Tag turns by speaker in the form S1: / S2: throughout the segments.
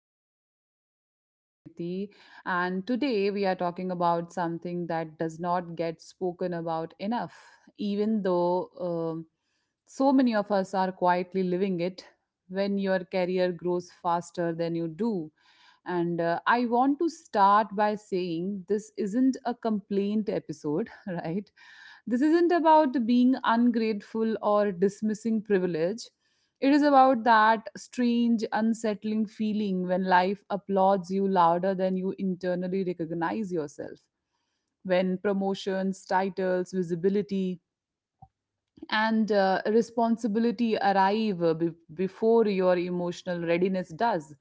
S1: the podcast. This is Samriti, and today we are talking about something that does not get spoken about enough, even though so many of us are quietly living it when your career grows faster than you do. And I want to start by saying this isn't a complaint episode, right? This isn't about being ungrateful or dismissing privilege. It is about that strange, unsettling feeling when life applauds you louder than you internally recognize yourself. When promotions, titles, visibility, and responsibility arrive before your emotional readiness does,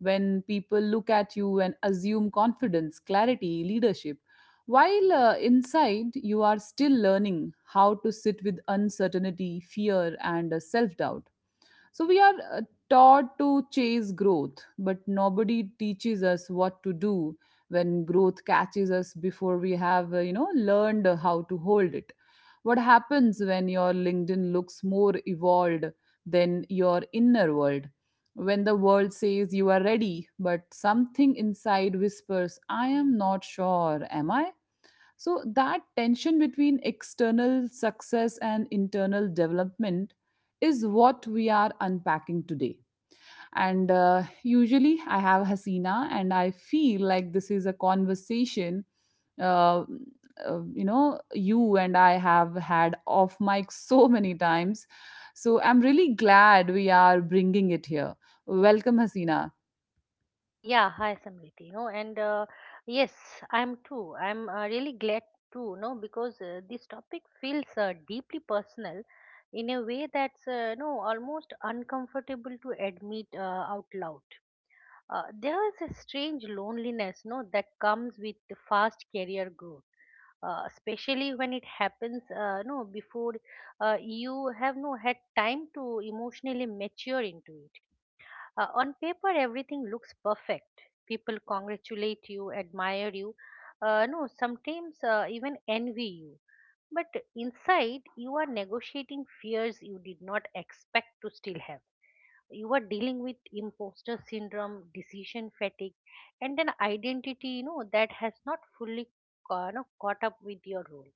S1: when people look at you and assume confidence, clarity, leadership, while inside you are still learning how to sit with uncertainty, fear and self doubt. So we are taught to chase growth, but nobody teaches us what to do when growth catches us before we have, learned how to hold it. What happens when your LinkedIn looks more evolved than your inner world? When the world says you are ready, but something inside whispers, I am not sure, am I? So, that tension between external success and internal development is what we are unpacking today. And usually, I have Hasina, and I feel like this is a conversation, uh, you and I have had off mic so many times. So, I'm really glad we are bringing it here. Welcome, Hasina.
S2: Yeah, hi Samriti. No, and yes, I'm really glad too. No, because this topic feels deeply personal in a way that's no almost uncomfortable to admit out loud. There is a strange loneliness, no, that comes with the fast career growth. Especially when it happens before you have no had time to emotionally mature into it. On paper, everything looks perfect. People congratulate you, admire you, no, sometimes even envy you. But inside, you are negotiating fears you did not expect to still have. You are dealing with imposter syndrome, decision fatigue, and an identity that has not fully no, caught up with your role.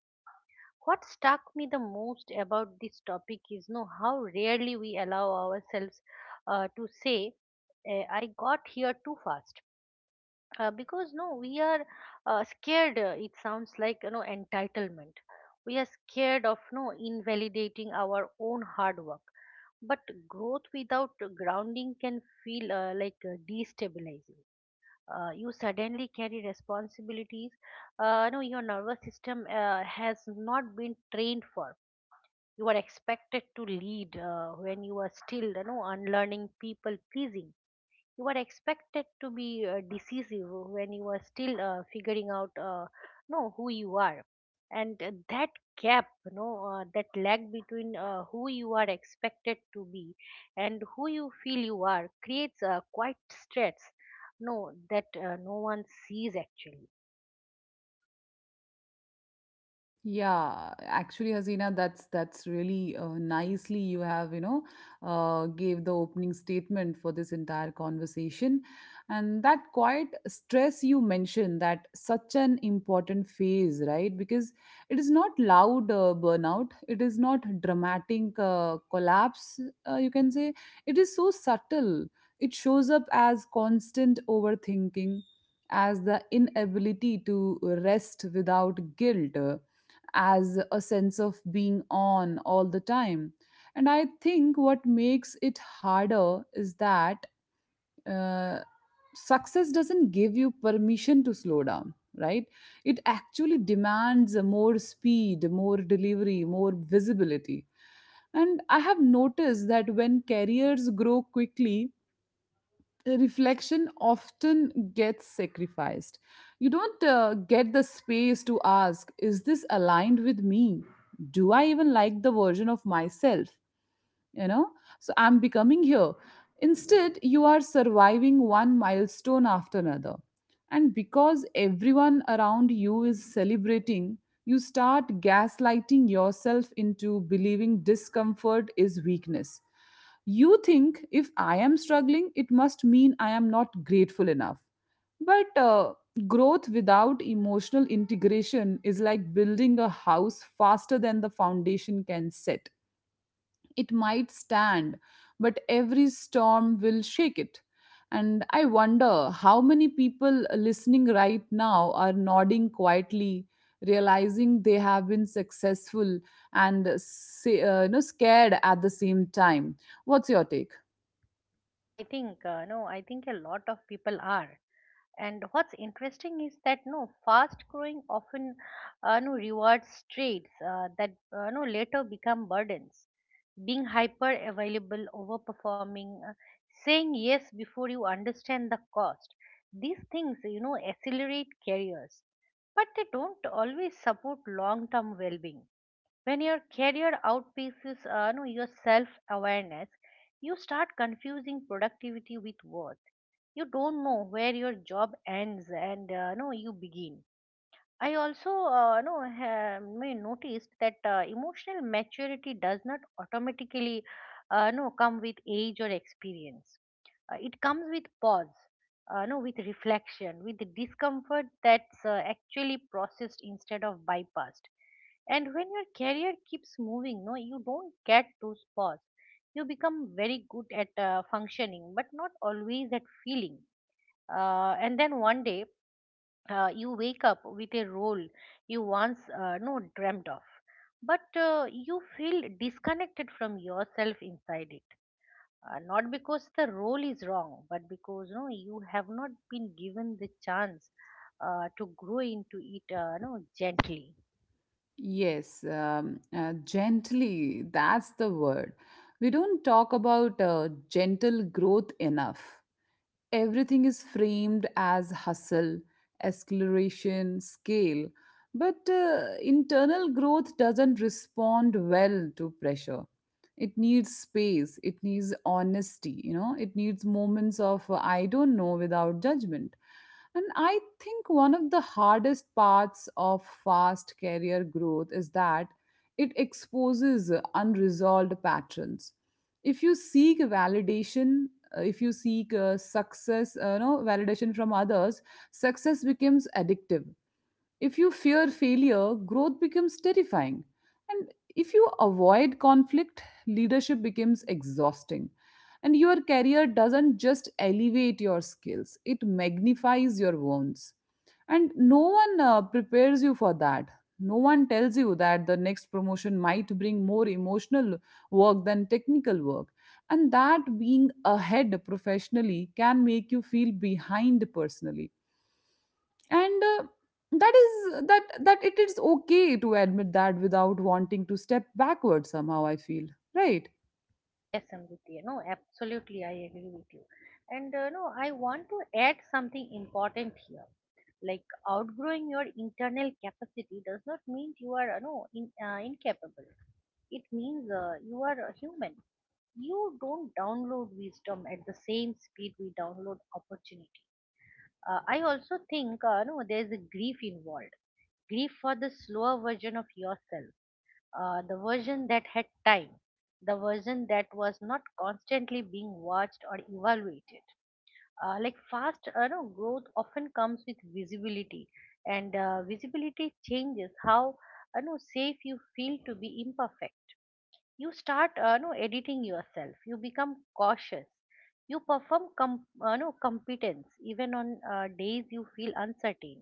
S2: What struck me the most about this topic is know how rarely we allow ourselves to say I got here too fast because no we are scared it sounds like entitlement. We are scared of no invalidating our own hard work, but growth without grounding can feel like destabilizing. You suddenly carry responsibilities no your nervous system has not been trained for. You are expected to lead when you are still unlearning people pleasing. You are expected to be decisive when you are still figuring out who you are, and that gap that lag between who you are expected to be and who you feel you are creates a quite stress no that no one sees actually.
S1: Yeah, actually, Hasina, that's really nicely you have, you know, gave the opening statement for this entire conversation, and that quiet stress you mentioned, that such an important phase, right? Because it is not loud burnout, it is not dramatic collapse. You can say it is so subtle. It shows up as constant overthinking, as the inability to rest without guilt, as a sense of being on all the time. And I think what makes it harder is that uh, success doesn't give you permission to slow down, right? It actually demands more speed, more delivery, more visibility. And I have noticed that when careers grow quickly, reflection often gets sacrificed. You don't get the space to ask, is this aligned with me? Do I even like the version of myself you know so I'm becoming here? Instead you are surviving one milestone after another, and because everyone around you is celebrating, you start gaslighting yourself into believing discomfort is weakness. You think if I am struggling, it must mean I am not grateful enough. But growth without emotional integration is like building a house faster than the foundation can set. It might stand, but every storm will shake it. And I wonder how many people listening right now are nodding quietly, realizing they have been successful and say, scared at the same time. What's your take?
S2: Yeah, I think no, I think a lot of people are. And what's interesting is that fast growing often no rewards traits that no later become burdens. Being hyper available, overperforming, saying yes before you understand the cost. These things accelerate careers, but they don't always support long term well being when your career outpaces no, your self awareness. You start confusing productivity with worth. You don't know where your job ends and no you begin. I also no have may noticed that emotional maturity does not automatically no come with age or experience. It comes with pause, no with reflection, with the discomfort that's actually processed instead of bypassed. And when your career keeps moving, no, you don't get those pause. You become very good at functioning, but not always at feeling. And then one day you wake up with a role you once no dreamt of, but you feel disconnected from yourself inside it, not because the role is wrong but because you have not been given the chance to grow into it, gently.
S1: Yes, gently, that's the word. We don't talk about gentle growth enough. Everything is framed as hustle, acceleration, scale, but internal growth doesn't respond well to pressure. It needs space, it needs honesty, you know, it needs moments of I don't know without judgment. And I think one of the hardest parts of fast career growth is that it exposes unresolved patterns. If you seek validation, if you seek success no validation from others, success becomes addictive. If you fear failure, growth becomes terrifying. And if you avoid conflict, leadership becomes exhausting. And your career doesn't just elevate your skills, it magnifies your wounds. And no one prepares you for that. No one tells you that the next promotion might bring more emotional work than technical work. And that being ahead professionally can make you feel behind personally, and that is that it is okay to admit that without wanting to step backward somehow, I feel, right?
S2: Yes amriti no absolutely I agree with you, and no I want to add something important here. Like, outgrowing your internal capacity does not mean you are no in, incapable. It means you are a human. You don't download wisdom at the same speed we download opportunity. I also think no, there is a grief involved. Grief for the slower version of yourself, the version that had time, the version that was not constantly being watched or evaluated. Like, fast no, growth often comes with visibility, and visibility changes how no, safe you feel to be imperfect. You start no editing yourself, you become cautious. You perform com- no competence even on days you feel uncertain,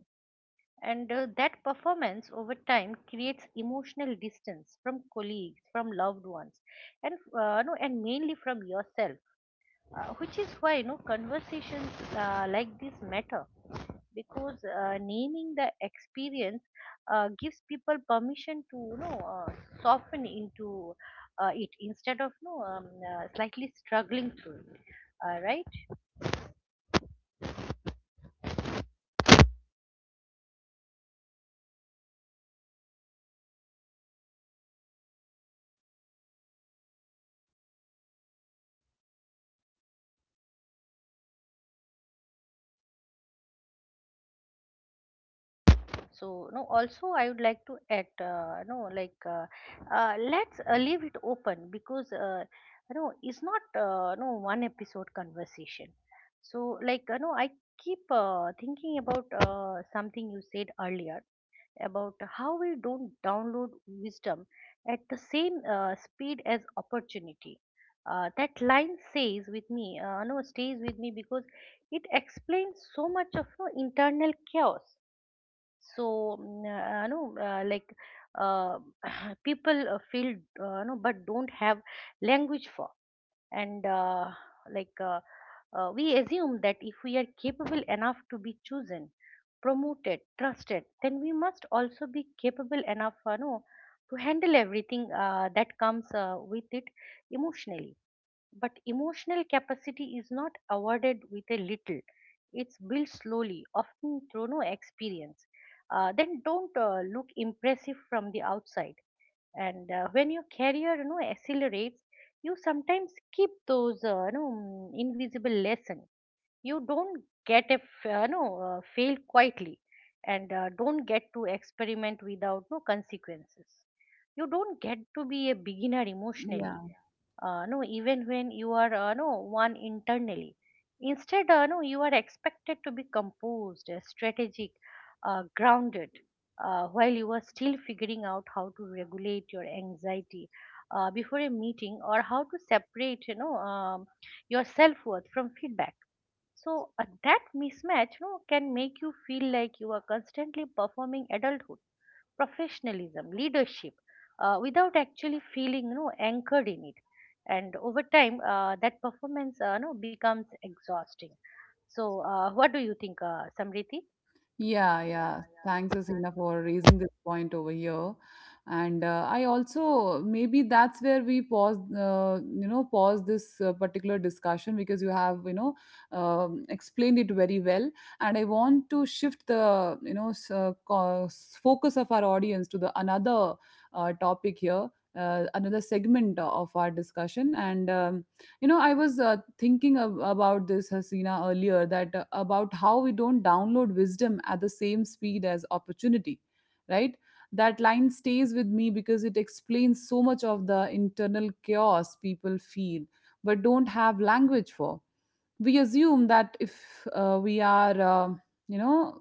S2: and that performance over time creates emotional distance from colleagues, from loved ones, and no and mainly from yourself, which is why conversations like this matter, because naming the experience gives people permission to soften into it instead of slightly struggling through it, right? So no also, I would like to add, no like let's leave it open, because no it's not no one episode conversation. So I keep thinking about something you said earlier about how we don't download wisdom at the same speed as opportunity. That line says with me no stays with me because it explains so much of no internal chaos. So uh, people feel, but don't have language for. And like uh, we assume that if we are capable enough to be chosen, promoted, trusted, then we must also be capable enough to handle everything that comes with it emotionally. But emotional capacity is not awarded with a little. It's built slowly, often through experience. Then don't look impressive from the outside. And when your career accelerates, you sometimes keep those invisible lessons. You don't get a fail quietly, and don't get to experiment without consequences. You don't get to be a beginner emotionally
S1: Yeah.
S2: no even when you are one internally. Instead, no you are expected to be composed, strategic, grounded, while you are still figuring out how to regulate your anxiety before a meeting, or how to separate, your self worth from feedback. So that mismatch, can make you feel like you are constantly performing adulthood, professionalism, leadership, without actually feeling, anchored in it. And over time, that performance, becomes exhausting. So, what do you think, Samriti?
S1: Yeah, yeah. Thanks, Asina, for raising this point over here. And I also maybe that's where we pause, pause this particular discussion because you have, you know, explained it very well. And I want to shift the, you know, focus of our audience to the another topic here, another segment of our discussion. And you know, I was thinking about this, Hasina, earlier that about how we don't download wisdom at the same speed as opportunity, right? That line stays with me because it explains so much of the internal chaos people feel but don't have language for. We assume that if we are, uh, you know,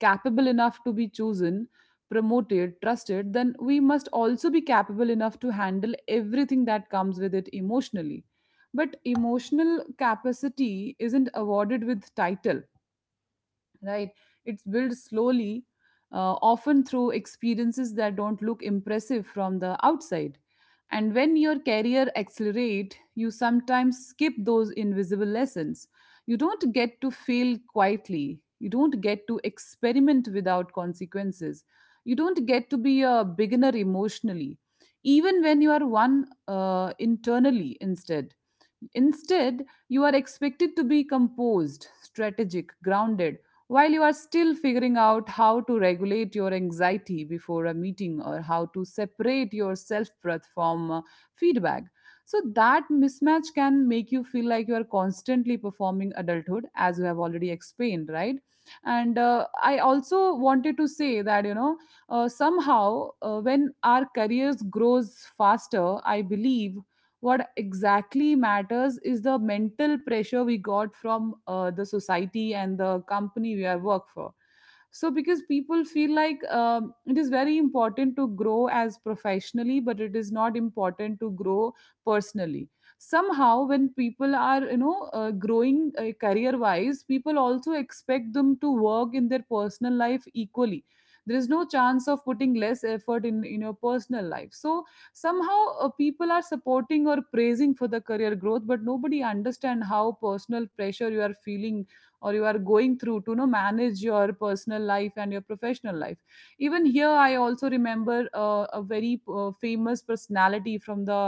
S1: capable enough to be chosen, promoted, trusted, then we must also be capable enough to handle everything that comes with it emotionally. But emotional capacity isn't awarded with title, right? It's built slowly, often through experiences that don't look impressive from the outside. And when your career accelerate, you sometimes skip those invisible lessons. You don't get to fail quietly, you don't get to experiment without consequences, you don't get to be a beginner emotionally even when you are one internally. Instead, you are expected to be composed, strategic, grounded, while you are still figuring out how to regulate your anxiety before a meeting or how to separate your self breath from feedback. So, that mismatch can make you feel like you are constantly performing adulthood, as you have already explained, right? And I also wanted to say that, you know, somehow when our careers grows faster, I believe what exactly matters is the mental pressure we got from the society and the company we are work for. So because people feel like it is very important to grow as professionally, but it is not important to grow personally. Somehow when people are, you know, growing career wise, people also expect them to work in their personal life equally. There is no chance of putting less effort in your personal life. So somehow people are supporting or praising for the career growth, but nobody understand how personal pressure you are feeling or you are going through to, you know, manage your personal life and your professional life. Even here, I also remember a very famous personality from the,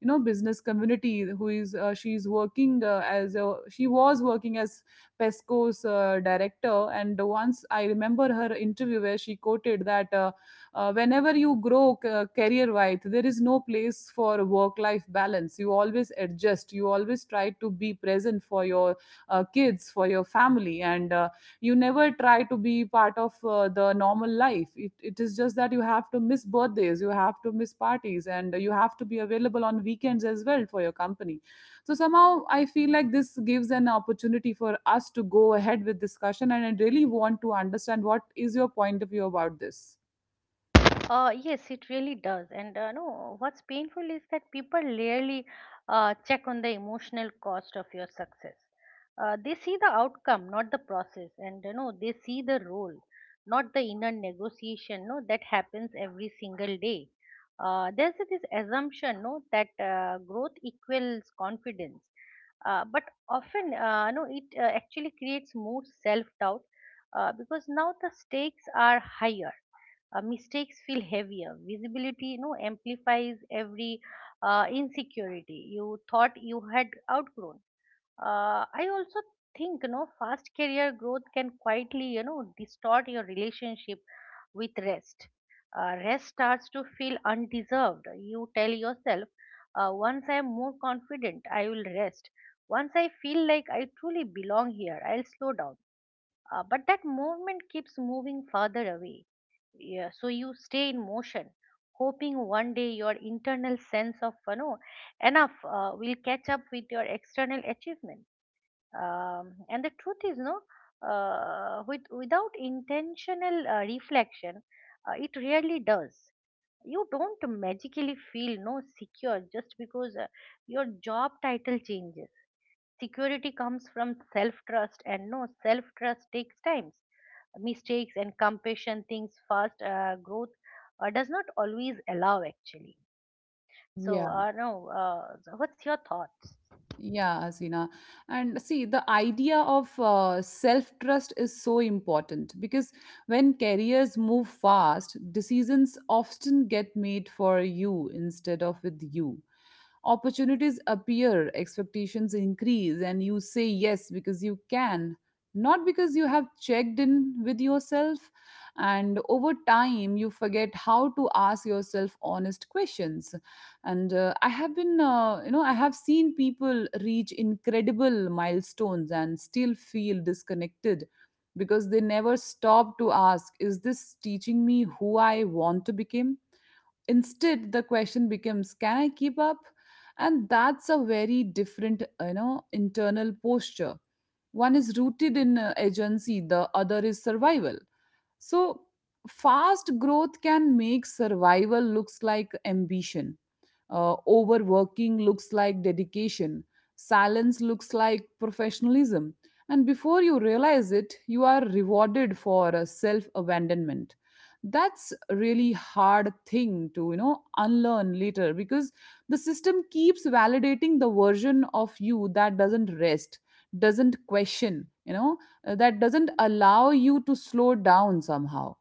S1: you know, business community who is she was working as Pesco's director, and once I remember her interview where she quoted that whenever you grow career wise, there is no place for work life balance. You always adjust, you always try to be present for your kids, for your family, and you never try to be part of the normal life. It is just that you have to miss birthdays, you have to miss parties, and you have to be available on weekends as well for your company. So somehow I feel like this gives an opportunity for us to go ahead with discussion, and I really want to understand what is your point of view about this.
S2: Yes, it really does. And no, what's painful is that people rarely check on the emotional cost of your success. They see the outcome, not the process, and they see the role, not the inner negotiation. No, that happens every single day. There's this assumption, no, that growth equals confidence, but often, no, it actually creates more self-doubt, because now the stakes are higher, mistakes feel heavier. Visibility, amplifies every insecurity you thought you had outgrown. I also think, fast career growth can quietly, distort your relationship with rest. Rest starts to feel undeserved. You tell yourself, once I am more confident, I will rest. Once I feel like I truly belong here, I'll slow down, but that movement keeps moving further away. Yeah, so you stay in motion, hoping one day your internal sense of, enough will catch up with your external achievement. And the truth is, no, without intentional reflection, it really does. You don't magically feel no secure just because your job title changes. Security comes from self trust, and no self trust takes time, mistakes and compassion, things fast growth does not always allow, actually. So
S1: Yeah,
S2: no so what's your thoughts?
S1: yeah, Asina. And see, the idea of self-trust is so important because when careers move fast, decisions often get made for you instead of with you. Opportunities appear, expectations increase, and you say yes because you can, not because you have checked in with yourself. And over time, you forget how to ask yourself honest questions. And I have been, I have seen people reach incredible milestones and still feel disconnected because they never stop to ask, is this teaching me who I want to become? Instead the question becomes, can I keep up? And that's a very different, you know, internal posture. One is rooted in agency, the other is survival. So fast growth can make survival looks like ambition. Overworking looks like dedication. Silence looks like professionalism. And before you realize it, you are rewarded for self abandonment. That's a really hard thing to, you know, unlearn later because the system keeps validating the version of you that doesn't rest, doesn't question, that doesn't allow you to slow down somehow.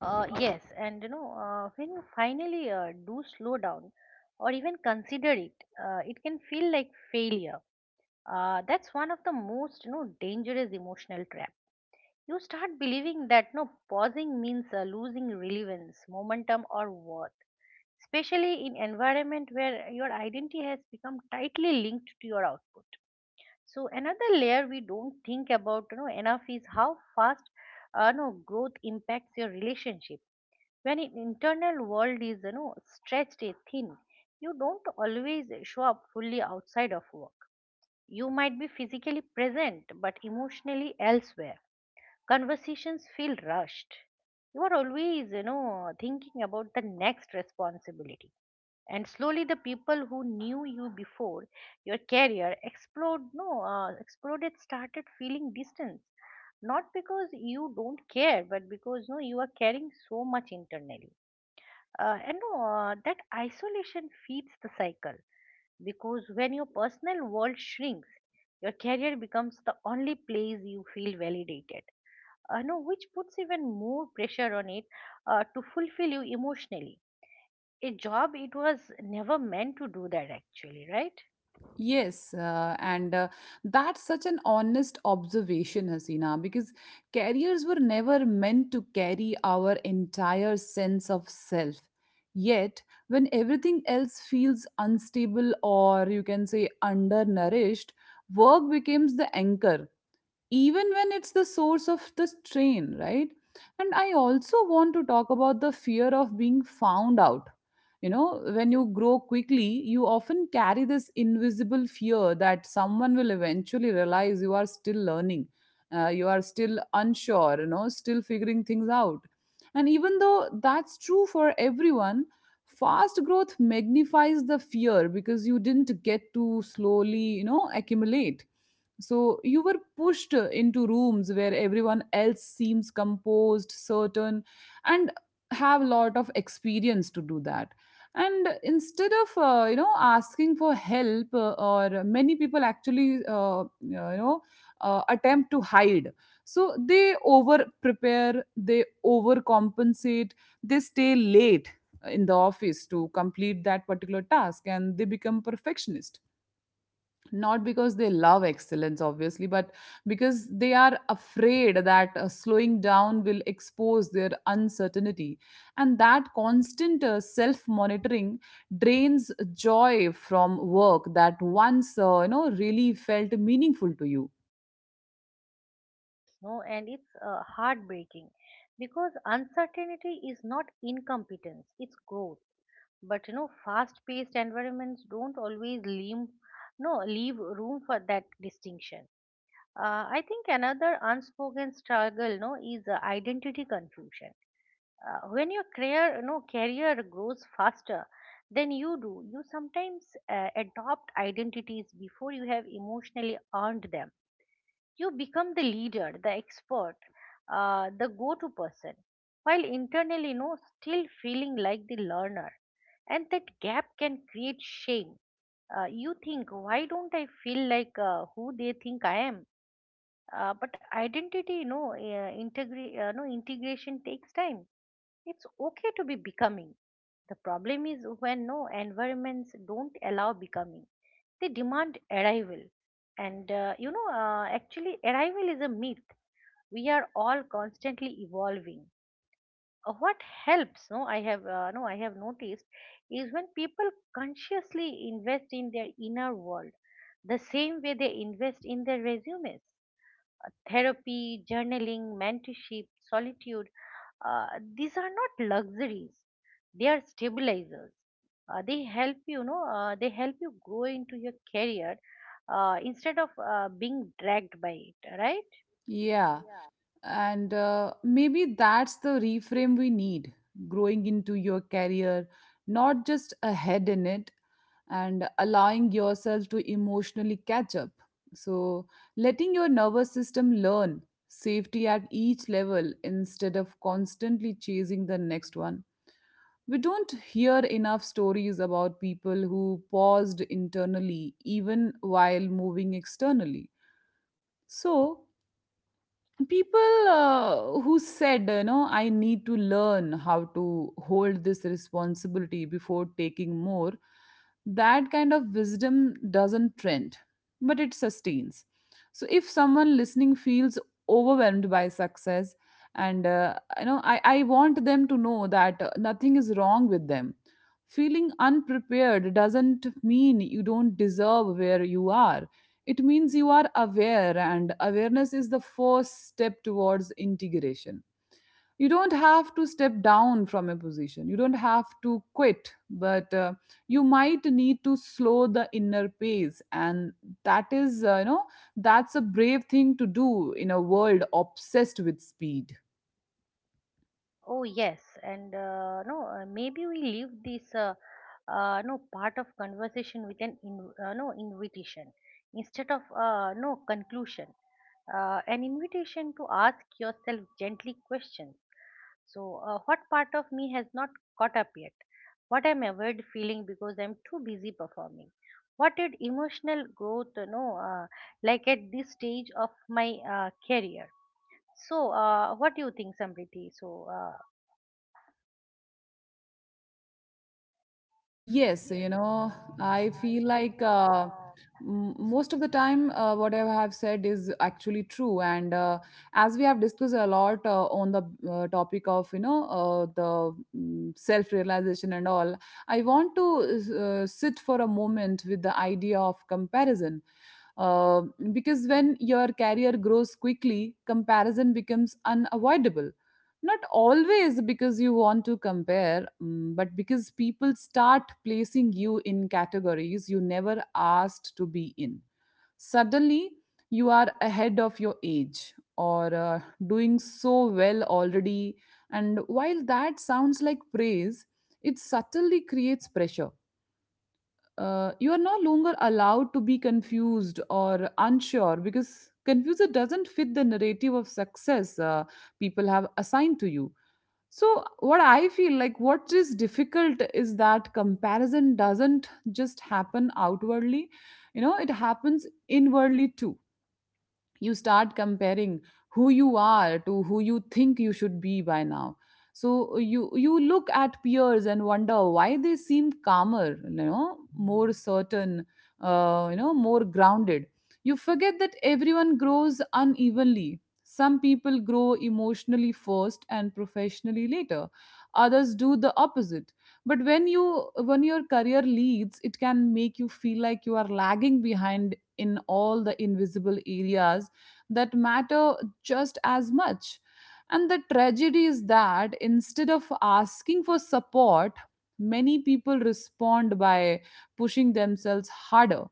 S2: Yes, and when you finally do slow down or even consider it, it can feel like failure. That's one of the most dangerous emotional trap. You start believing that no pausing means losing relevance, momentum, or worth, especially in environment where your identity has become tightly linked to your output. So another layer we don't think about enough is how fast no growth impacts your relationship. When an internal world is, stretched thin, you don't always show up fully outside of work. You might be physically present but emotionally elsewhere. Conversations feel rushed, you are always, thinking about the next responsibility. And slowly, the people who knew you before your career exploded started feeling distance, not because you don't care but because no you are carrying so much internally, and no that isolation feeds the cycle, because when your personal world shrinks, your career becomes the only place you feel validated, no which puts even more pressure on it to fulfill you emotionally. A job it was never meant to do that, actually, right?
S1: Yes, and that's such an honest observation, Hasina, because carriers were never meant to carry our entire sense of self. Yet, when everything else feels unstable or you can say undernourished, work becomes the anchor even when it's the source of the strain, right? And I also want to talk about the fear of being found out. You know, when you grow quickly, you often carry this invisible fear that someone will eventually realize you are still learning, you are still unsure, you know, still figuring things out. And even though that's true for everyone, fast growth magnifies the fear because you didn't get to slowly, accumulate. So you were pushed into rooms where everyone else seems composed, certain, and have a lot of experience to do that. And instead of asking for help, or many people actually attempt to hide. So they over prepare, they overcompensate, they stay late in the office to complete that particular task, and they become perfectionist, not because they love excellence obviously, but because they are afraid that slowing down will expose their uncertainty. And that constant self monitoring drains joy from work that once really felt meaningful to you.
S2: Yes, no, and it's heartbreaking because uncertainty is not incompetence, it's growth. But, fast-paced environments don't always leave no leave room for that distinction. I think another unspoken struggle, no, is identity confusion. When your career no career grows faster than you do, you sometimes adopt identities before you have emotionally earned them. You become the leader, the expert, the go to person, while internally, no still feeling like the learner. And that gap can create shame. You think, why don't I feel like who they think I am? But identity no integri- no integration takes time. It's okay to be becoming. The problem is when environments don't allow becoming, they demand arrival. Actually, arrival is a myth. We are all constantly evolving. What helps, I have no, I have noticed, is when people consciously invest in their inner world the same way they invest in their resumes. Therapy, journaling, mentorship, solitude, uh, these are not luxuries, they are stabilizers. They help you grow into your career instead of being dragged by it, right?
S1: Yeah, and maybe that's the reframe we need, growing into your career, not just ahead in it, and allowing yourself to emotionally catch up. So letting your nervous system learn safety at each level instead of constantly chasing the next one. We don't hear enough stories about people who paused internally even while moving externally. So people who said, you know, I need to learn how to hold this responsibility before taking more. That kind of wisdom doesn't trend, but it sustains. So if someone listening feels overwhelmed by success, and I want them to know that nothing is wrong with them. Feeling unprepared doesn't mean you don't deserve where you are. It means you are aware, and awareness is the first step towards integration. You don't have to step down from a position, you don't have to quit, but you might need to slow the inner pace. And that is, that's a brave thing to do in a world obsessed with speed.
S2: Oh yes. and no Maybe we leave this no part of conversation with an in, no invitation instead of no conclusion, an invitation to ask yourself gently questions. So, what part of me has not caught up yet? What I'm avoid feeling because I'm too busy performing? What did emotional growth, you know, like at this stage of my career? So, what do you think, Samriti?
S1: Yes,
S2: Yes,
S1: you
S2: you
S1: know,
S2: know,
S1: I
S2: I
S1: feel
S2: feel
S1: like
S2: like.
S1: most of the time, what I have said is actually true. And as we have discussed a lot on the topic of, you know, self-realization and all, I want to sit for a moment with the idea of comparison. Uh, because when your career grows quickly, comparison becomes unavoidable, not always because you want to compare but because people start placing you in categories you never asked to be in. Suddenly you are ahead of your age, or doing so well already. And while that sounds like praise, it subtly creates pressure. You are no longer allowed to be confused or unsure because confusion doesn't fit the narrative of success people have assigned to you. So, what I feel like what is difficult is that comparison doesn't just happen outwardly, you know, it happens inwardly too. You start comparing who you are to who you think you should be by now. So you look at peers and wonder why they seem calmer, you know, more certain, more grounded. You forget that everyone grows unevenly. Some people grow emotionally first and professionally later, others do the opposite. But when you, when your career leads, it can make you feel like you are lagging behind in all the invisible areas that matter just as much. And the tragedy is that instead of asking for support, many people respond by pushing themselves harder,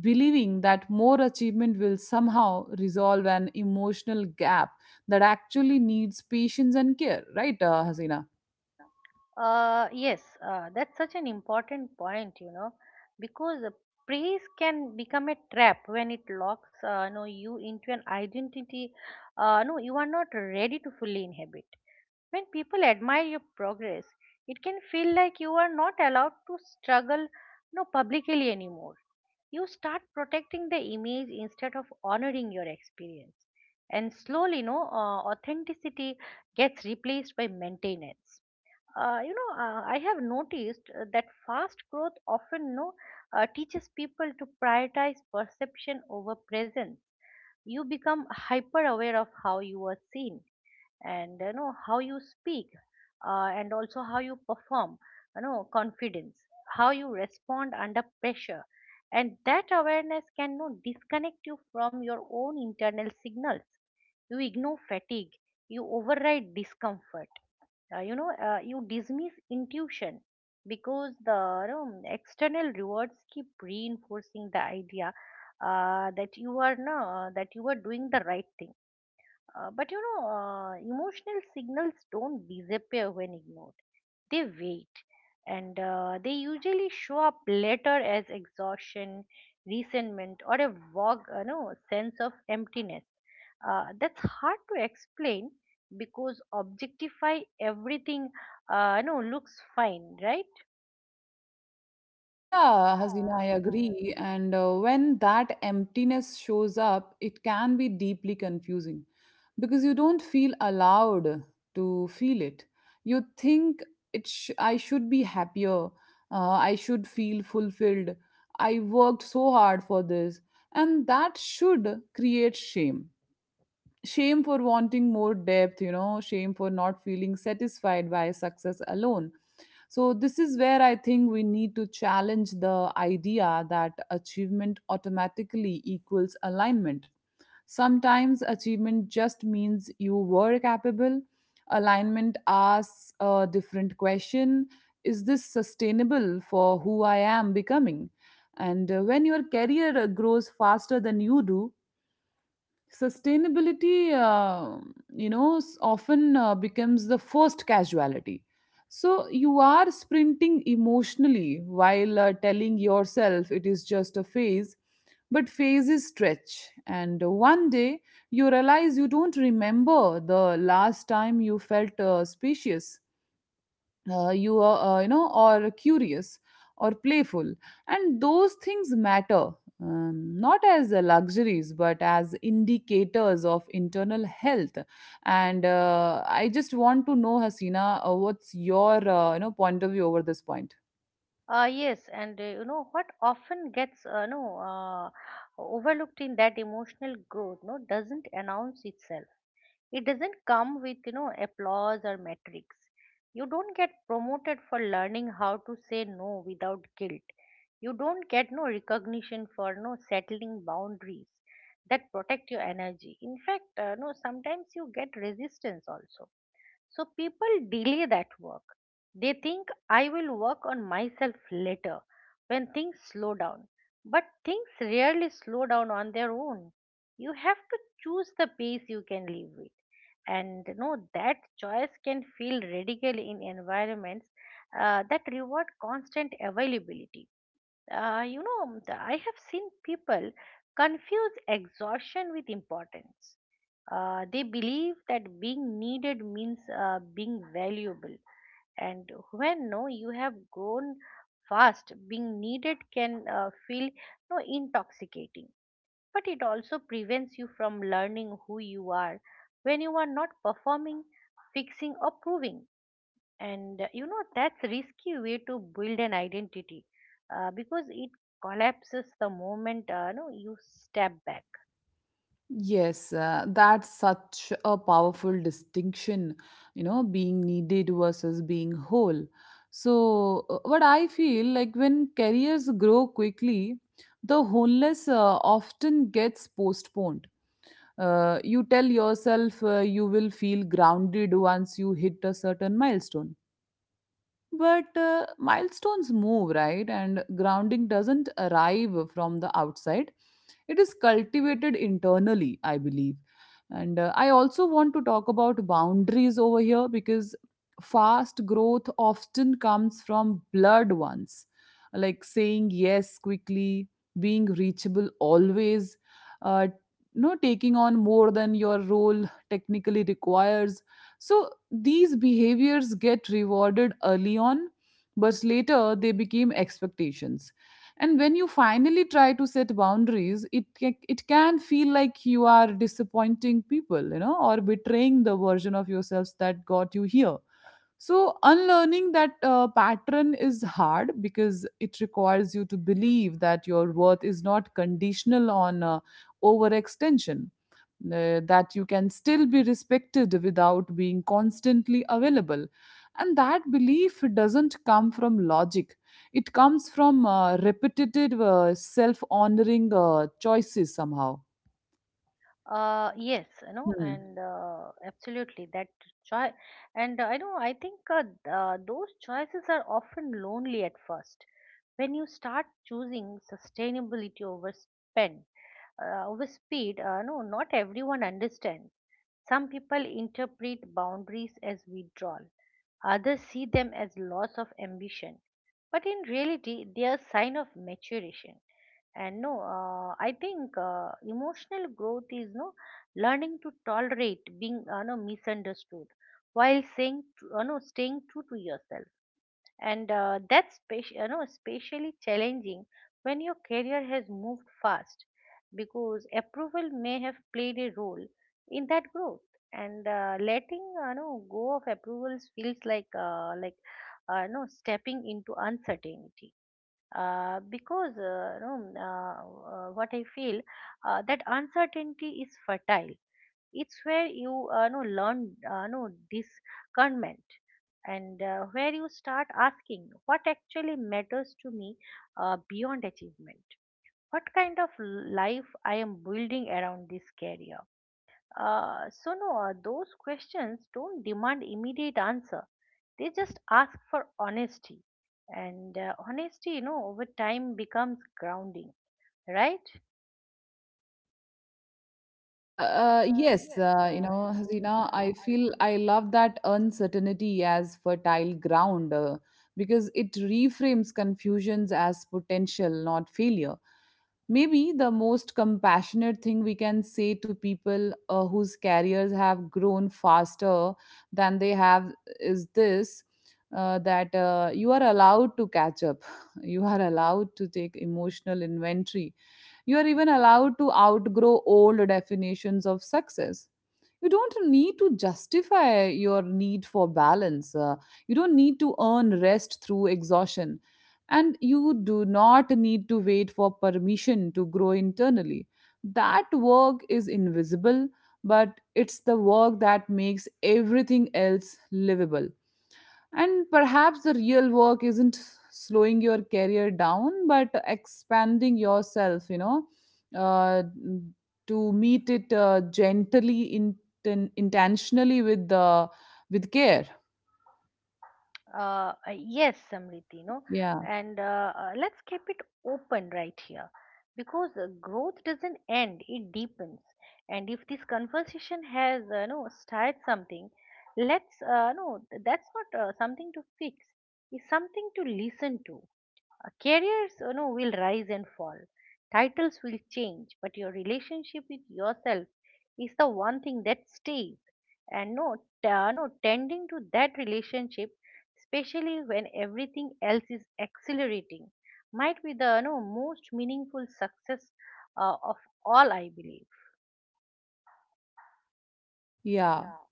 S1: believing that more achievement will somehow resolve an emotional gap that actually needs patience and care, right, Hasina?
S2: Yes, that's such an important point, you know, because praise can become a trap when it locks you into an identity no, you are not ready to fully inhabit. When people admire your progress, it can feel like you are not allowed to struggle, no, publicly anymore. You start protecting the image instead of honoring your experience, and slowly, no, authenticity gets replaced by maintenance. I have noticed that fast growth often no teaches people to prioritize perception over presence. You become hyper aware of how you are seen, and you know, how you speak, and also how you perform, you know, confidence, how you respond under pressure. And that awareness can no disconnect you from your own internal signals. You ignore fatigue, you override discomfort, you dismiss intuition, because the, you know, external rewards keep reinforcing the idea that you are no, that you are doing the right thing. But you know Emotional signals don't disappear when ignored. They wait, and they usually show up later as exhaustion, resentment, or a vague, you know, sense of emptiness that's hard to explain, because objectify everything, you know, looks fine, right?
S1: Yeah,
S2: Yeah,
S1: Hazina, I
S2: Hazina, I agree.
S1: agree. And when that emptiness shows up, it can be deeply confusing because you don't feel allowed to feel it. You think I should be happier. I should feel fulfilled. I worked so hard for this. And that should create shame. Shame for wanting more depth, you know, shame for not feeling satisfied by success alone. So, this is where I think we need to challenge the idea that achievement automatically equals alignment. Sometimes achievement just means you were capable. Alignment asks a different question. Is this sustainable for who I am becoming? And when your career grows faster than you do, sustainability, often becomes the first casualty. So you are sprinting emotionally while telling yourself it is just a phase, but phases stretch, and one day you realize you don't remember the last time you felt spacious, you are you know or curious or playful. And those things matter, not as luxuries but as indicators of internal health. And I just want to know, Hasina, what's your point of view over this point.
S2: Yes, and you know, what often gets no uh, overlooked in that, emotional growth, doesn't announce itself. It doesn't come with, you know, applause or metrics. You don't get promoted for learning how to say no without guilt. You don't get recognition for no settling boundaries that protect your energy. In fact, no sometimes you get resistance also. So people delay that work. They think, I will work on myself later, when things slow down. But things rarely slow down on their own. You have to choose the pace you can live with. And you know, that choice can feel radical in environments that reward constant availability. I have seen people confuse exhaustion with importance. They believe that being needed means being valuable. And when no you have grown fast, being needed can feel no intoxicating. But it also prevents you from learning who you are when you are not performing, fixing, or proving. And you know, that's a risky way to build an identity, because it collapses the moment no, you step back.
S1: Yes, that's such a powerful distinction, you know, being needed versus being whole. So, what I feel like when careers grow quickly, the wholeness often gets postponed. You tell yourself you will feel grounded once you hit a certain milestone. But milestones move, right? And grounding doesn't arrive from the outside, it is cultivated internally, I believe. And I also want to talk about boundaries over here because fast growth often comes from blurred ones, like saying yes quickly, being reachable always, uh, taking on more than your role technically requires. So these behaviors get rewarded early on, but later they became expectations. And when you finally try to set boundaries, it can feel like you are disappointing people, you know, or betraying the version of yourselves that got you here. So, unlearning that pattern is hard because it requires you to believe that your worth is not conditional on overextension, that you can still be respected without being constantly available. And that belief doesn't come from logic, it comes from repetitive self honoring choices somehow.
S2: Yes, you know,
S1: Hmm.
S2: and absolutely, that choice. And I think those choices are often lonely at first. When you start choosing sustainability over spend, over speed, not everyone understands. Some people interpret boundaries as withdrawal, others see them as loss of ambition. But in reality, they are sign of maturation. And no I think emotional growth is no learning to tolerate being no misunderstood while saying tr- no staying true to yourself. And that's you know, especially challenging when your career has moved fast, because approval may have played a role in that growth. And letting, you know, go of approvals feels like no stepping into uncertainty, uh, because uh, you know, uh, what I feel, that uncertainty is fertile. It's where you know learn, know discernment, and where you start asking, what actually matters to me beyond achievement? What kind of life I am building around this career? Those questions don't demand immediate answer, they just ask for honesty. And honesty, you know, over time becomes grounding, right?
S1: Yes,
S2: Yes, you know,
S1: Hasina,
S2: Dina,
S1: I
S2: I.
S1: feel I love that uncertainty as fertile ground, because it reframes confusions as potential, not failure. Maybe the most compassionate thing we can say to people whose careers have grown faster than they have is this, that you are allowed to catch up, you are allowed to take emotional inventory, you are even allowed to outgrow old definitions of success. You don't need to justify your need for balance. You don't need to earn rest through exhaustion. And you do not need to wait for permission to grow internally. That work is invisible, but it's the work that makes everything else livable. And perhaps the real work isn't slowing your career down, but expanding yourself, uh, to meet it gently, intentionally, with the, with care.
S2: Yes, Samriti, you know,
S1: Yeah,
S2: yeah. and Let's keep it open right here, because growth doesn't end, it deepens. And if this conversation has started something, let's, that's not something to fix, it's something to listen to. Careers, you know, will rise and fall. Titles will change, but your relationship with yourself is the one thing that stays. And no, t- no, tending to that relationship, especially when everything else is accelerating, might be the no most meaningful success of all, I believe.
S1: yeah.
S2: Yeah.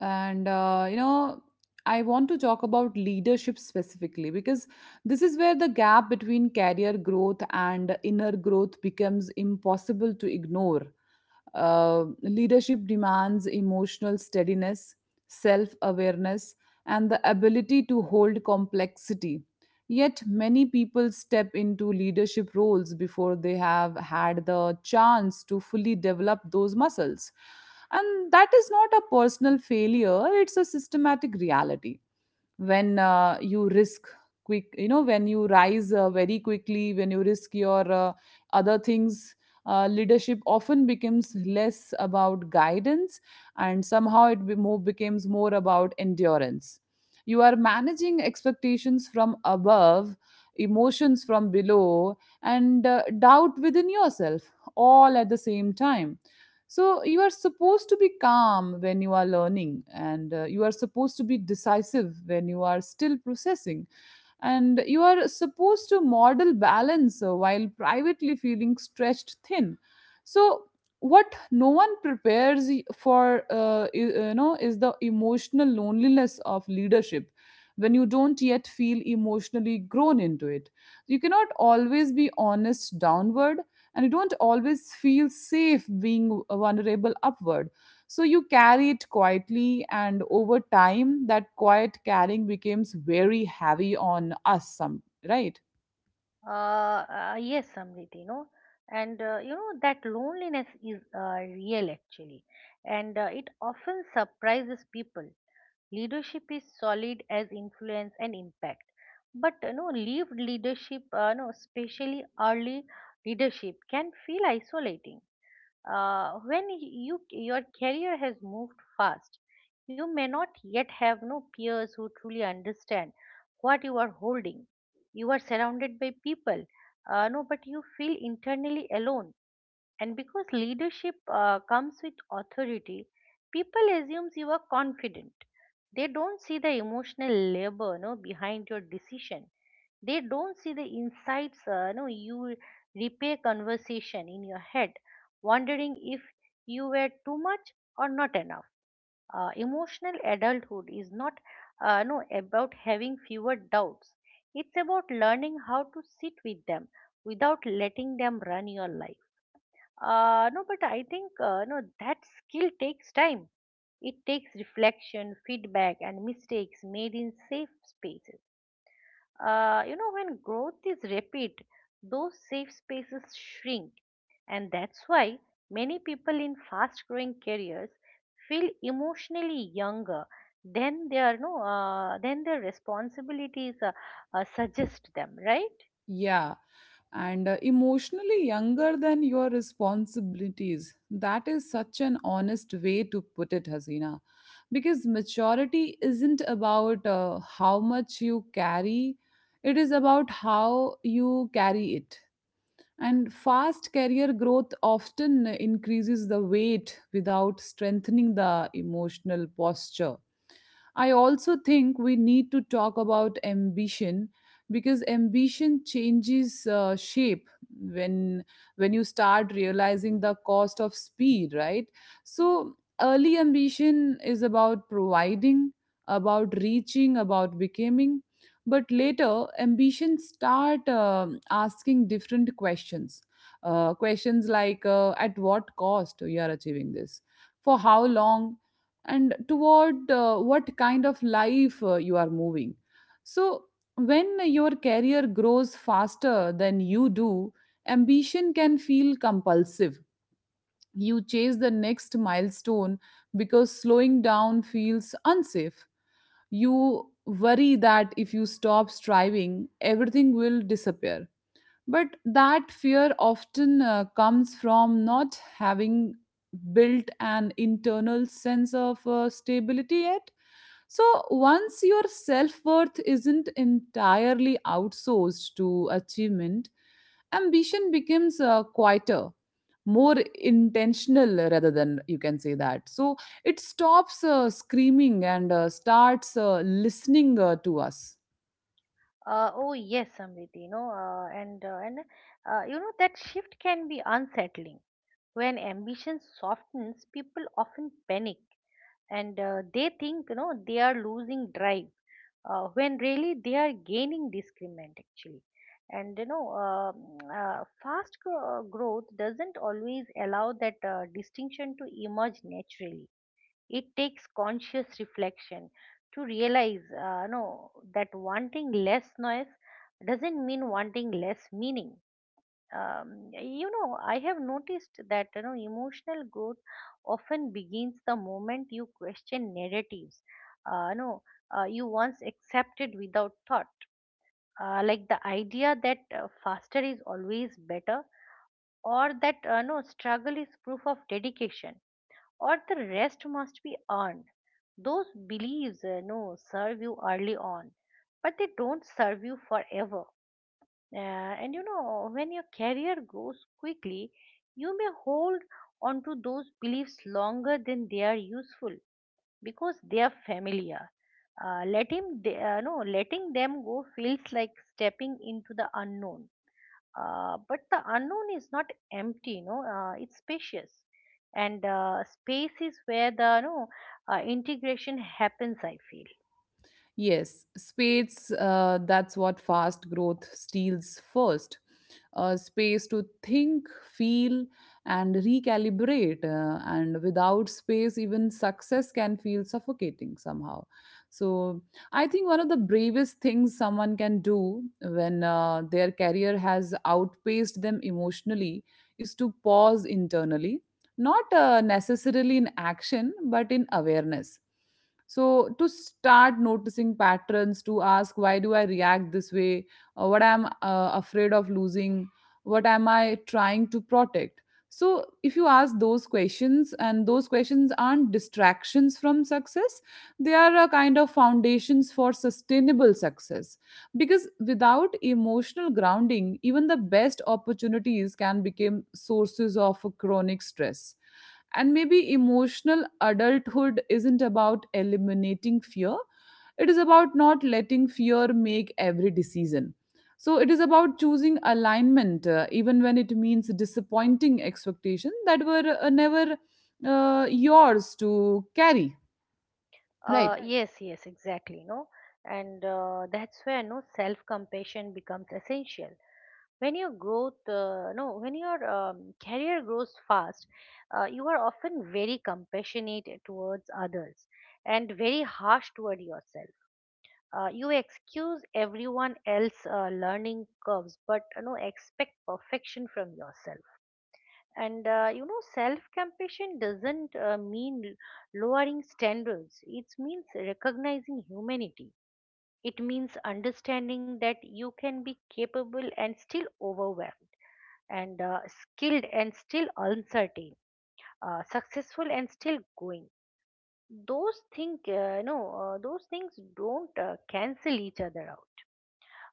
S1: And, I want to talk about leadership specifically because this is where the gap between career growth and inner growth becomes impossible to ignore. Leadership demands emotional steadiness, self awareness, and the ability to hold complexity. Yet, many people step into leadership roles before they have had the chance to fully develop those muscles. And that is not a personal failure, it's a systematic reality. When you rise very quickly, when you risk your other things, leadership often becomes less about guidance, and somehow it be more becomes more about endurance. You are managing expectations from above, emotions from below, and doubt within yourself all at the same time. So you are supposed to be calm when you are learning, and you are supposed to be decisive when you are still processing, and you are supposed to model balance while privately feeling stretched thin. So what no one prepares y- for I- you know is the emotional loneliness of leadership. When you don't yet feel emotionally grown into it, you cannot always be honest downward, and you don't always feel safe being vulnerable upward. So you carry it quietly, and over time, that quiet carrying becomes very heavy on us, some, right?
S2: Yes, Samriti, you know, and you know, that loneliness is real, actually, and it often surprises people. Leadership is solid as influence and impact, but you know, leave leadership, no especially early leadership, can feel isolating. When your career has moved fast, you may not yet have no peers who truly understand what you are holding. You are surrounded by people, no but you feel internally alone. And because leadership comes with authority, people assumes you are confident. They don't see the emotional labor no behind your decision. They don't see the insights, no you replay conversation in your head, wondering if you were too much or not enough. Emotional adulthood is not no about having fewer doubts, it's about learning how to sit with them without letting them run your life. Uh, no, but I think no that skill takes time. It takes reflection, feedback, and mistakes made in safe spaces. You know, when growth is rapid, those safe spaces shrink, and that's why many people in fast-growing careers feel emotionally younger than their no than their responsibilities suggest them, right?
S1: Yeah, and emotionally younger than your responsibilities. That is such an honest way to put it, Hasina. Because maturity isn't about how much you carry, it is about how you carry it. And fast career growth often increases the weight without strengthening the emotional posture. I also think we need to talk about ambition, because ambition changes shape when when you start realizing the cost of speed, right? So early ambition is about providing, about reaching, about becoming. But later, ambition start asking different questions. Questions like, at what cost you are achieving this, for how long, and toward what kind of life you are moving. So, when your career grows faster than you do, ambition can feel compulsive. You chase the next milestone because slowing down feels unsafe. You worry that if you stop striving, everything will disappear. But that fear often comes from not having built an internal sense of stability yet. So, once your self worth isn't entirely outsourced to achievement, ambition becomes quieter, more intentional rather, than you can say that. So, it stops screaming and starts listening to us.
S2: Oh yes, Samriti, you know, and you know, that shift can be unsettling. When ambition softens, people often panic, and they think, you know, they are losing drive, when really they are gaining discernment, actually. And you know, fast growth doesn't always allow that distinction to emerge naturally. It takes conscious reflection to realize, no, that wanting less noise doesn't mean wanting less meaning. You know, I have noticed that, you know, emotional growth often begins the moment you question narratives Uh, no, you once accepted without thought, like the idea that faster is always better, or that no struggle is proof of dedication, or the rest must be earned. Those beliefs, no, serve you early on, but they don't serve you forever. And you know, when your career grows quickly, you may hold on to those beliefs longer than they are useful because they are familiar. Let him, they, no, Letting them go feels like stepping into the unknown. But the unknown is not empty, no, it's spacious. And space is where the, no, integration happens, I feel.
S1: Yes, space, that's what fast growth steals first. Space to think, feel, and recalibrate. And without space, even success can feel suffocating somehow. So, I think one of the bravest things someone can do when their career has outpaced them emotionally is to pause internally, not necessarily in action, but in awareness, so to start noticing patterns, to ask, why do I react this way? What I'm afraid of losing, what am I trying to protect? So if you ask those questions, and those questions aren't distractions from success, they are a kind of foundations for sustainable success, because without emotional grounding, even the best opportunities can become sources of chronic stress. And maybe emotional adulthood isn't about eliminating fear, it is about not letting fear make every decision. So it is about choosing alignment, even when it means disappointing expectations that were never yours to carry, right?
S2: Yes, yes, exactly, And that's where no self compassion becomes essential. When your growth no when your career grows fast, you are often very compassionate towards others and very harsh toward yourself. You excuse everyone else' learning curves, but you know, expect perfection from yourself. And you know, self-compassion doesn't mean lowering standards. It means recognizing humanity. It means understanding that you can be capable and still overwhelmed, and skilled and still uncertain, successful and still going. Those things, those things don't cancel each other out.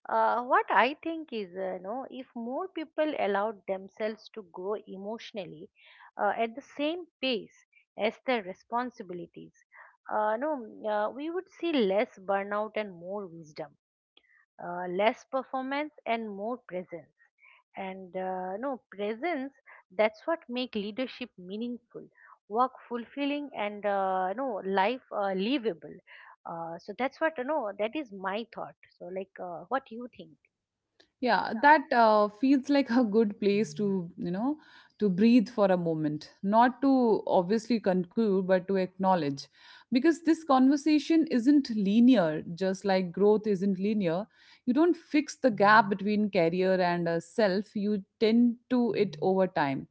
S2: What I think is, you know, if more people allowed themselves to grow emotionally at the same pace as their responsibilities, no, we would see less burnout and more wisdom, less performance and more presence. And no presence, that's what make leadership meaningful, work fulfilling, and no life livable. So that's what, you know, that is my thought. So, like, what do you think?
S1: Yeah, that feels like a good place to, you know, to breathe for a moment, not to obviously conclude, but to acknowledge, because this conversation isn't linear, just like growth isn't linear. You don't fix the gap between career and self, you tend to it over time.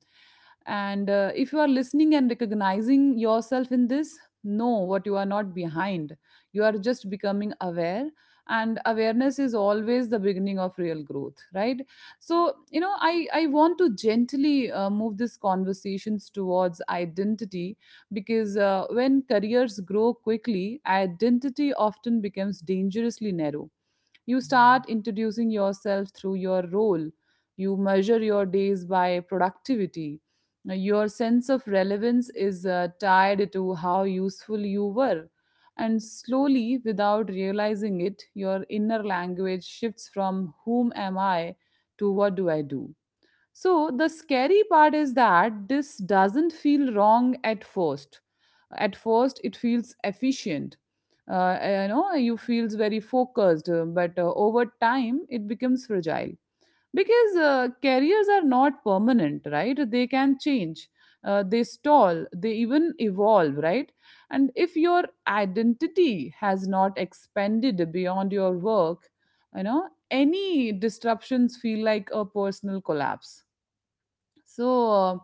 S1: And if you are listening and recognizing yourself in this, know what, you are not behind, you are just becoming aware. And awareness is always the beginning of real growth, right? So, you know, I want to gently move these conversations towards identity, because when careers grow quickly, identity often becomes dangerously narrow. You start introducing yourself through your role. You measure your days by productivity. Now, your sense of relevance is tied to how useful you were. And slowly, without realizing it, your inner language shifts from whom am I to what do I do. So the scary part is that this doesn't feel wrong at first. At first, it feels efficient. You know, you feels very focused, but over time, it becomes fragile, because careers are not permanent, right? They can change. They stall, they even evolve, right? And if your identity has not expanded beyond your work, you know, any disruptions feel like a personal collapse. So,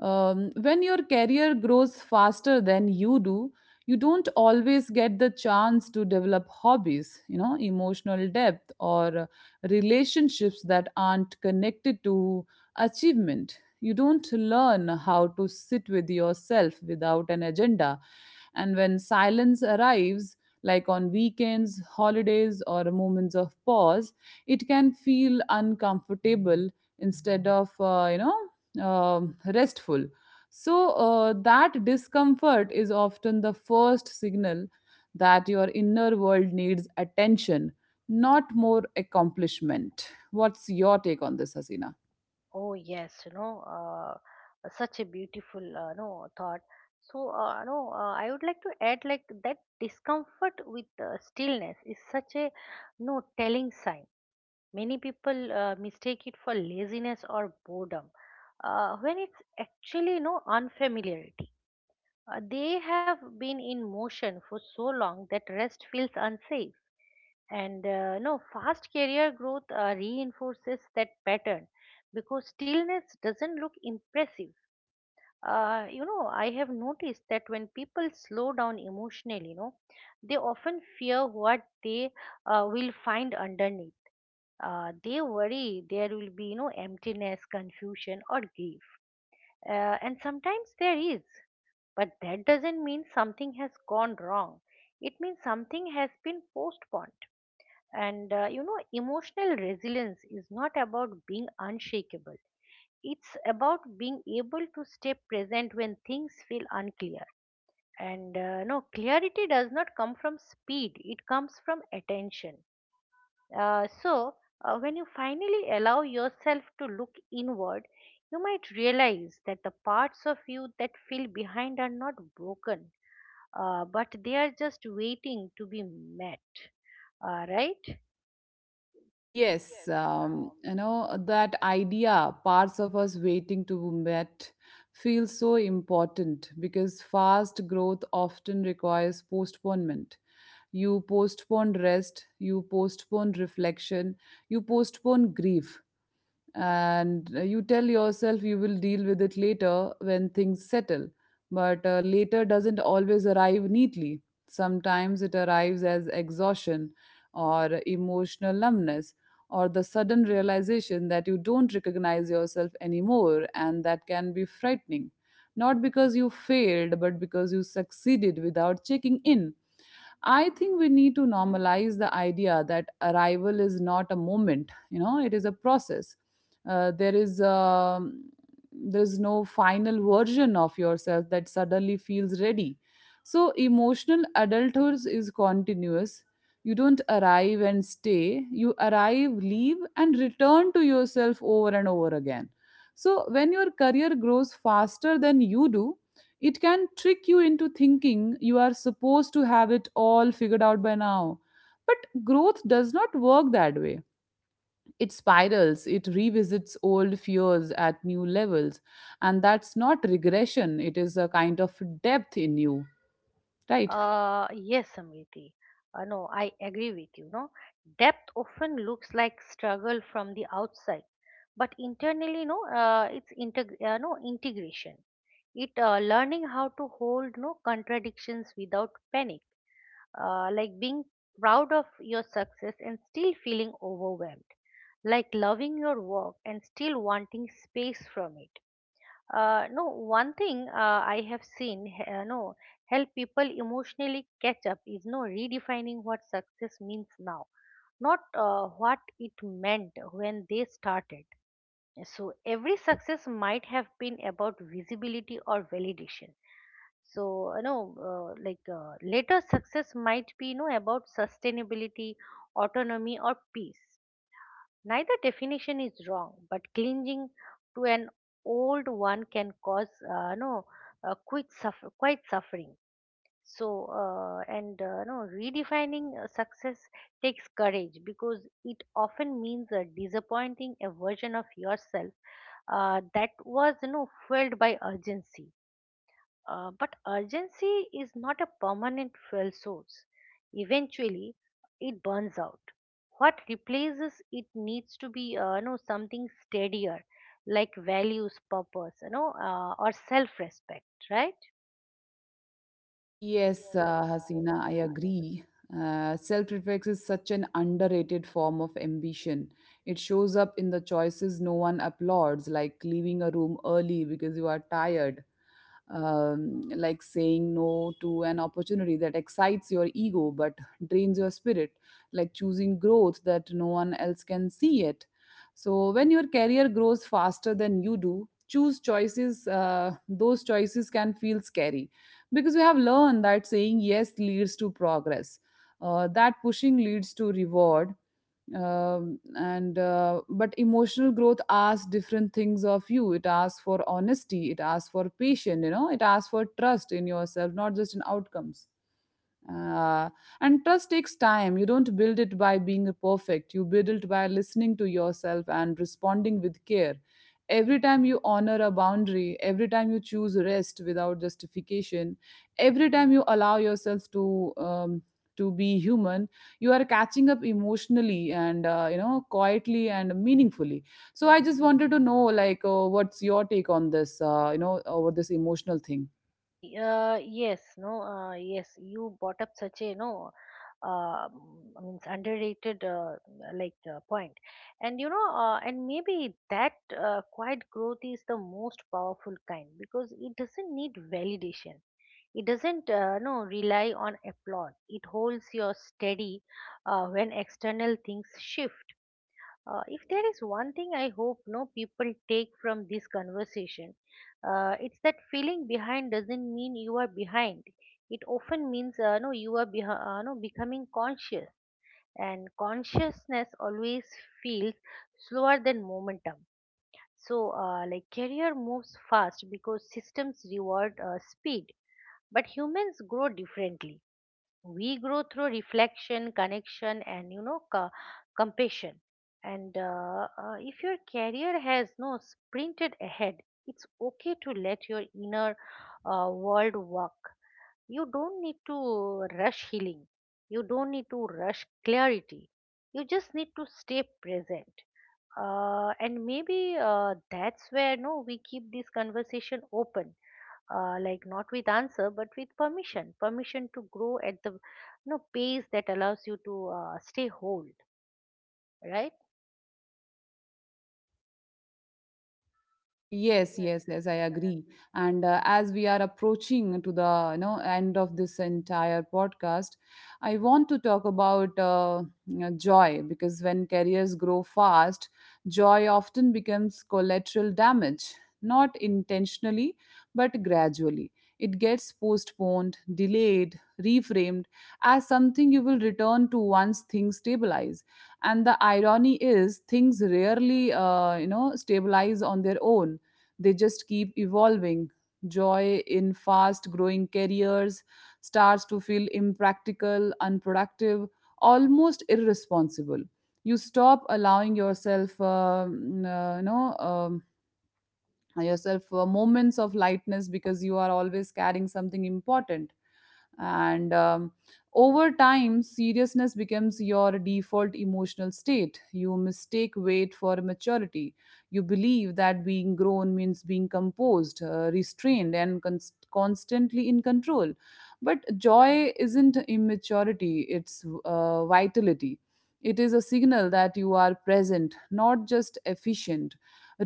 S1: when your career grows faster than you do, you don't always get the chance to develop hobbies, you know, emotional depth, or relationships that aren't connected to achievement. You don't learn how to sit with yourself without an agenda. And when silence arrives, like on weekends, holidays, or moments of pause, it can feel uncomfortable instead of, you know, restful. So, that discomfort is often the first signal that your inner world needs attention, not more accomplishment. What's your take on this, Hasina?
S2: Oh yes, you know, such a beautiful, thought. So, no, I would like to add like that discomfort with stillness is such a no telling sign. Many people mistake it for laziness or boredom, when it's actually no unfamiliarity. They have been in motion for so long that rest feels unsafe. And no, fast career growth reinforces that pattern because stillness doesn't look impressive. I have noticed that when people slow down emotionally, they often fear what they will find underneath. They worry there will be, emptiness, confusion, or grief. And sometimes there is, but that doesn't mean something has gone wrong. It means something has been postponed, and emotional resilience is not about being unshakable. It's about being able to stay present when things feel unclear. And clarity does not come from speed, it comes from attention. So, when you finally allow yourself to look inward, you might realize that the parts of you that feel behind are not broken, but they are just waiting to be met. Right?
S1: Yes, you know, that idea, parts of us waiting to be met, feels so important, because fast growth often requires postponement. You postpone rest, you postpone reflection, you postpone grief, and you tell yourself you will deal with it later, when things settle. But later doesn't always arrive neatly. Sometimes it arrives as exhaustion, or emotional numbness, or the sudden realization that you don't recognize yourself anymore, and that can be frightening. Not because you failed, but because you succeeded without checking in. I think we need to normalize the idea that arrival is not a moment, you know, it is a process. Uh, there is um there is no final version of yourself that suddenly feels ready. So emotional adulthood is continuous. You don't arrive and stay. You arrive, leave, and return to yourself over and over again. So when your career grows faster than you do, it can trick you into thinking you are supposed to have it all figured out by now. But growth does not work that way. It spirals, it revisits old fears at new levels. And that's not regression, it is a kind of depth in you, right?
S2: Yes, Samriti. No, I agree with you. No, Depth often looks like struggle from the outside, but internally, no, it's integ- no integration. It Learning how to hold contradictions without panic, like being proud of your success and still feeling overwhelmed, like loving your work and still wanting space from it. Uh, no, one thing I have seen, he- no, help people emotionally catch up is no redefining what success means now, not what it meant when they started. So every success might have been about visibility or validation. So later success might be about sustainability, autonomy, or peace. Neither definition is wrong, but clinging to an old one can cause no quite suffer, quite suffering. So and no redefining success takes courage because it often means disappointing a version of yourself that was fueled by urgency, but urgency is not a permanent fuel source. Eventually, it burns out. What replaces it needs to be, something steadier, like values, purpose, or self-respect, right?
S1: Yes, Hasina, I agree. Self reflection is such an underrated form of ambition. It shows up in the choices no one applauds, like leaving a room early because you are tired, like saying no to an opportunity that excites your ego but drains your spirit, like choosing growth that no one else can see it. So, when your career grows faster than you do, choose choices, those choices can feel scary, because we have learned that saying yes leads to progress, that pushing leads to reward, and but emotional growth asks different things of you. It asks for honesty, it asks for patience, you know, it asks for trust in yourself, not just in outcomes. uh, and trust takes time. You don't build it by being perfect, you build it by listening to yourself and responding with care. Every time you honor a boundary, every time you choose rest without justification, every time you allow yourself to be human, you are catching up emotionally, and you know, quietly and meaningfully. So I just wanted to know, like, what's your take on this, you know, over this emotional thing?
S2: Y- yes, no, yes, you brought up such a, um, I mean, underrated point. And maybe that quiet growth is the most powerful kind because it doesn't need validation. It doesn't, no, rely on applause. It holds you steady when external things shift. If there is one thing I hope no people take from this conversation, it's that feeling behind doesn't mean you are behind. It often means no you are behi- no becoming conscious, and consciousness always feels slower than momentum. So, like career moves fast because systems reward speed, but humans grow differently. We grow through reflection, connection, and compassion. And if your career has no sprinted ahead, it's okay to let your inner world work. You don't need to rush healing, you don't need to rush clarity, you just need to stay present. And maybe that's where no we keep this conversation open, like not with answer but with permission. Permission to grow at the pace that allows you to stay whole, right?
S1: Yes, yes, yes, I agree. And as we are approaching to the, you know, end of this entire podcast, I want to talk about, you know, joy, because when careers grow fast, joy often becomes collateral damage, not intentionally, but gradually. It gets postponed, delayed, reframed as something you will return to once things stabilize. And the irony is things rarely you know stabilize on their own, they just keep evolving. Joy in fast growing careers starts to feel impractical, unproductive, almost irresponsible. You stop allowing yourself moments of lightness, because you are always carrying something important. And Over time, seriousness becomes your default emotional state, you mistake weight for maturity. You believe that being grown means being composed, restrained, and constantly in control. But joy isn't immaturity, it's vitality. It is a signal that you are present, not just efficient.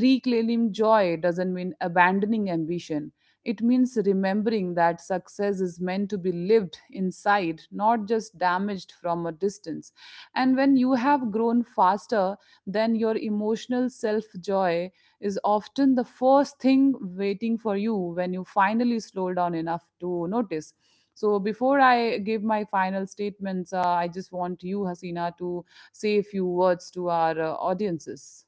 S1: Reclaiming joy doesn't mean abandoning ambition, it means remembering that success is meant to be lived inside, not just damaged from a distance. And when you have grown faster then your emotional self, joy is often the first thing waiting for you when you finally slow down enough to notice. So, before I give my final statements, I just want you, Hasina, to say a few words to our audiences.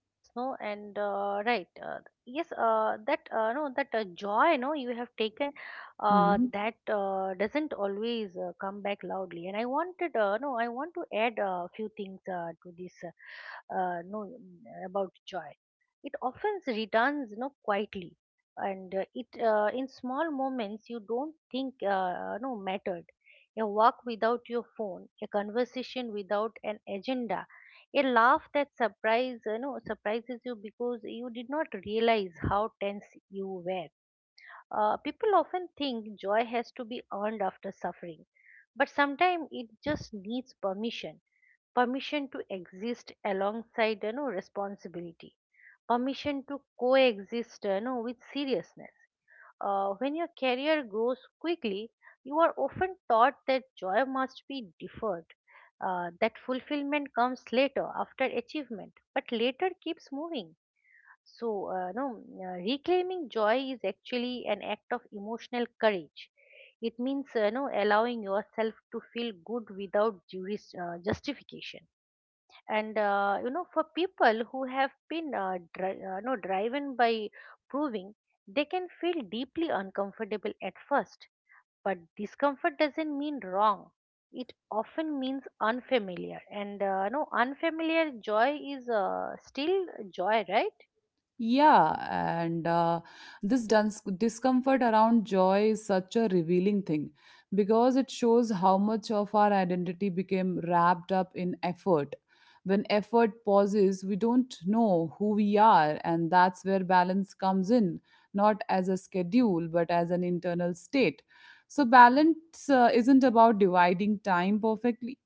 S2: Yes, no, and right. Yes, that no, that joy, no, you have taken, that doesn't always come back loudly. And I wanted, no, I want to add a few things to this, no, mm, about joy. It often returns, no, quietly, and it in small moments you don't think no, mattered. A walk without your phone, a conversation without an agenda, a laugh that surprises you because you did not realize how tense you were. People often think joy has to be earned after suffering, but sometimes it just needs permission. Permission to exist alongside responsibility. Permission to coexist with seriousness. When your career grows quickly, you are often taught that joy must be deferred, that fulfillment comes later after achievement, but later keeps moving. So, no, reclaiming joy is actually an act of emotional courage. It means, no, allowing yourself to feel good without justification. And for people who have been dri- no driven by proving, they can feel deeply uncomfortable at first. But discomfort doesn't mean wrong, it often means unfamiliar. And uh, no unfamiliar joy is still joy, right?
S1: Yeah, and this duns discomfort around joy is such a revealing thing, because it shows how much of our identity became wrapped up in effort. When effort pauses, we don't know who we are, and that's where balance comes in, not as a schedule, but as an internal state. So, balance isn't about dividing time perfectly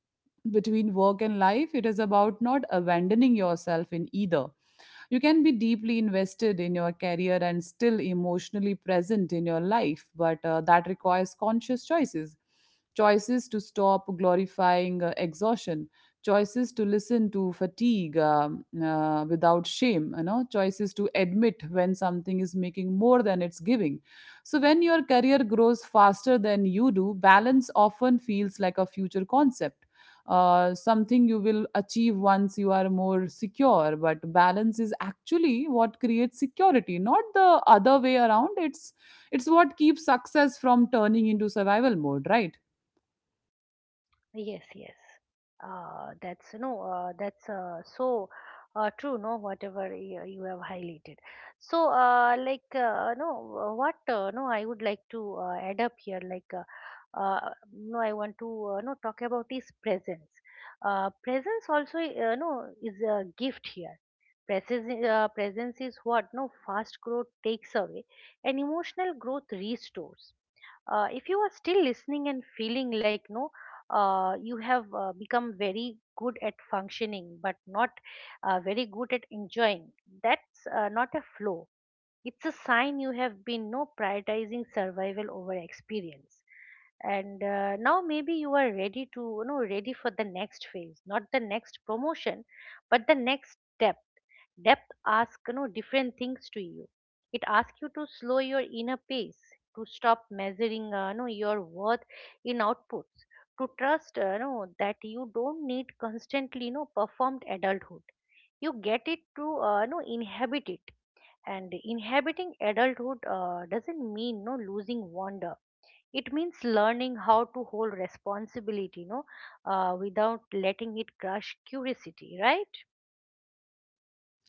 S1: between work and life, it is about not abandoning yourself in either. You can be deeply invested in your career and still emotionally present in your life, but that requires conscious choices. Choices to stop glorifying exhaustion, choices to listen to fatigue, without shame, you know, choices to admit when something is making more than it's giving. So when your career grows faster than you do, balance often feels like a future concept, something you will achieve once you are more secure. But balance is actually what creates security, not the other way around. It's what keeps success from turning into survival mode, right?
S2: Yes, yes. That's so true. No, Whatever you have highlighted. So, like, no, what? No, I would like to add up here. I want to no talk about is presence. Presence also, no, is a gift here. Presence is what no fast growth takes away, and emotional growth restores. If you are still listening and feeling like no you have become very good at functioning but not very good at enjoying, that's not a flow. It's a sign you have been no prioritizing survival over experience. And now maybe you are ready to ready for the next phase, not the next promotion but the next depth. Depth asks different things to you. It asks you to slow your inner pace, to stop measuring your worth in outputs, to trust that you don't need constantly performed adulthood. You get it to inhabit it. And inhabiting adulthood doesn't mean no losing wonder. It means learning how to hold responsibility without letting it crush curiosity, right?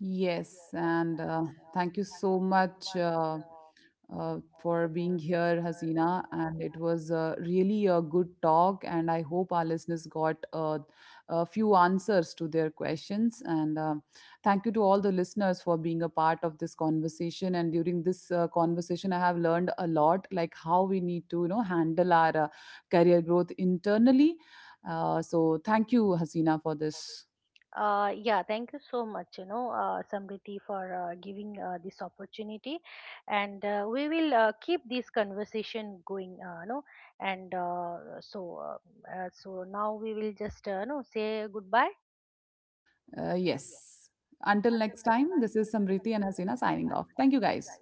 S1: Yes, and thank you so much. For being here, Hasina. And it was really a good talk. And I hope our listeners got a few answers to their questions. And thank you to all the listeners for being a part of this conversation. And during this conversation, I have learned a lot, like how we need to, you know, handle our career growth internally. So thank you, Hasina, for this.
S2: Yeah, thank you so much, Samriti, for giving this opportunity. And we will keep this conversation going. Uh, no and uh, so uh, uh, so now we will just no say goodbye.
S1: Yes. Until next time, this is Samriti and Hasina signing off. Thank you, guys.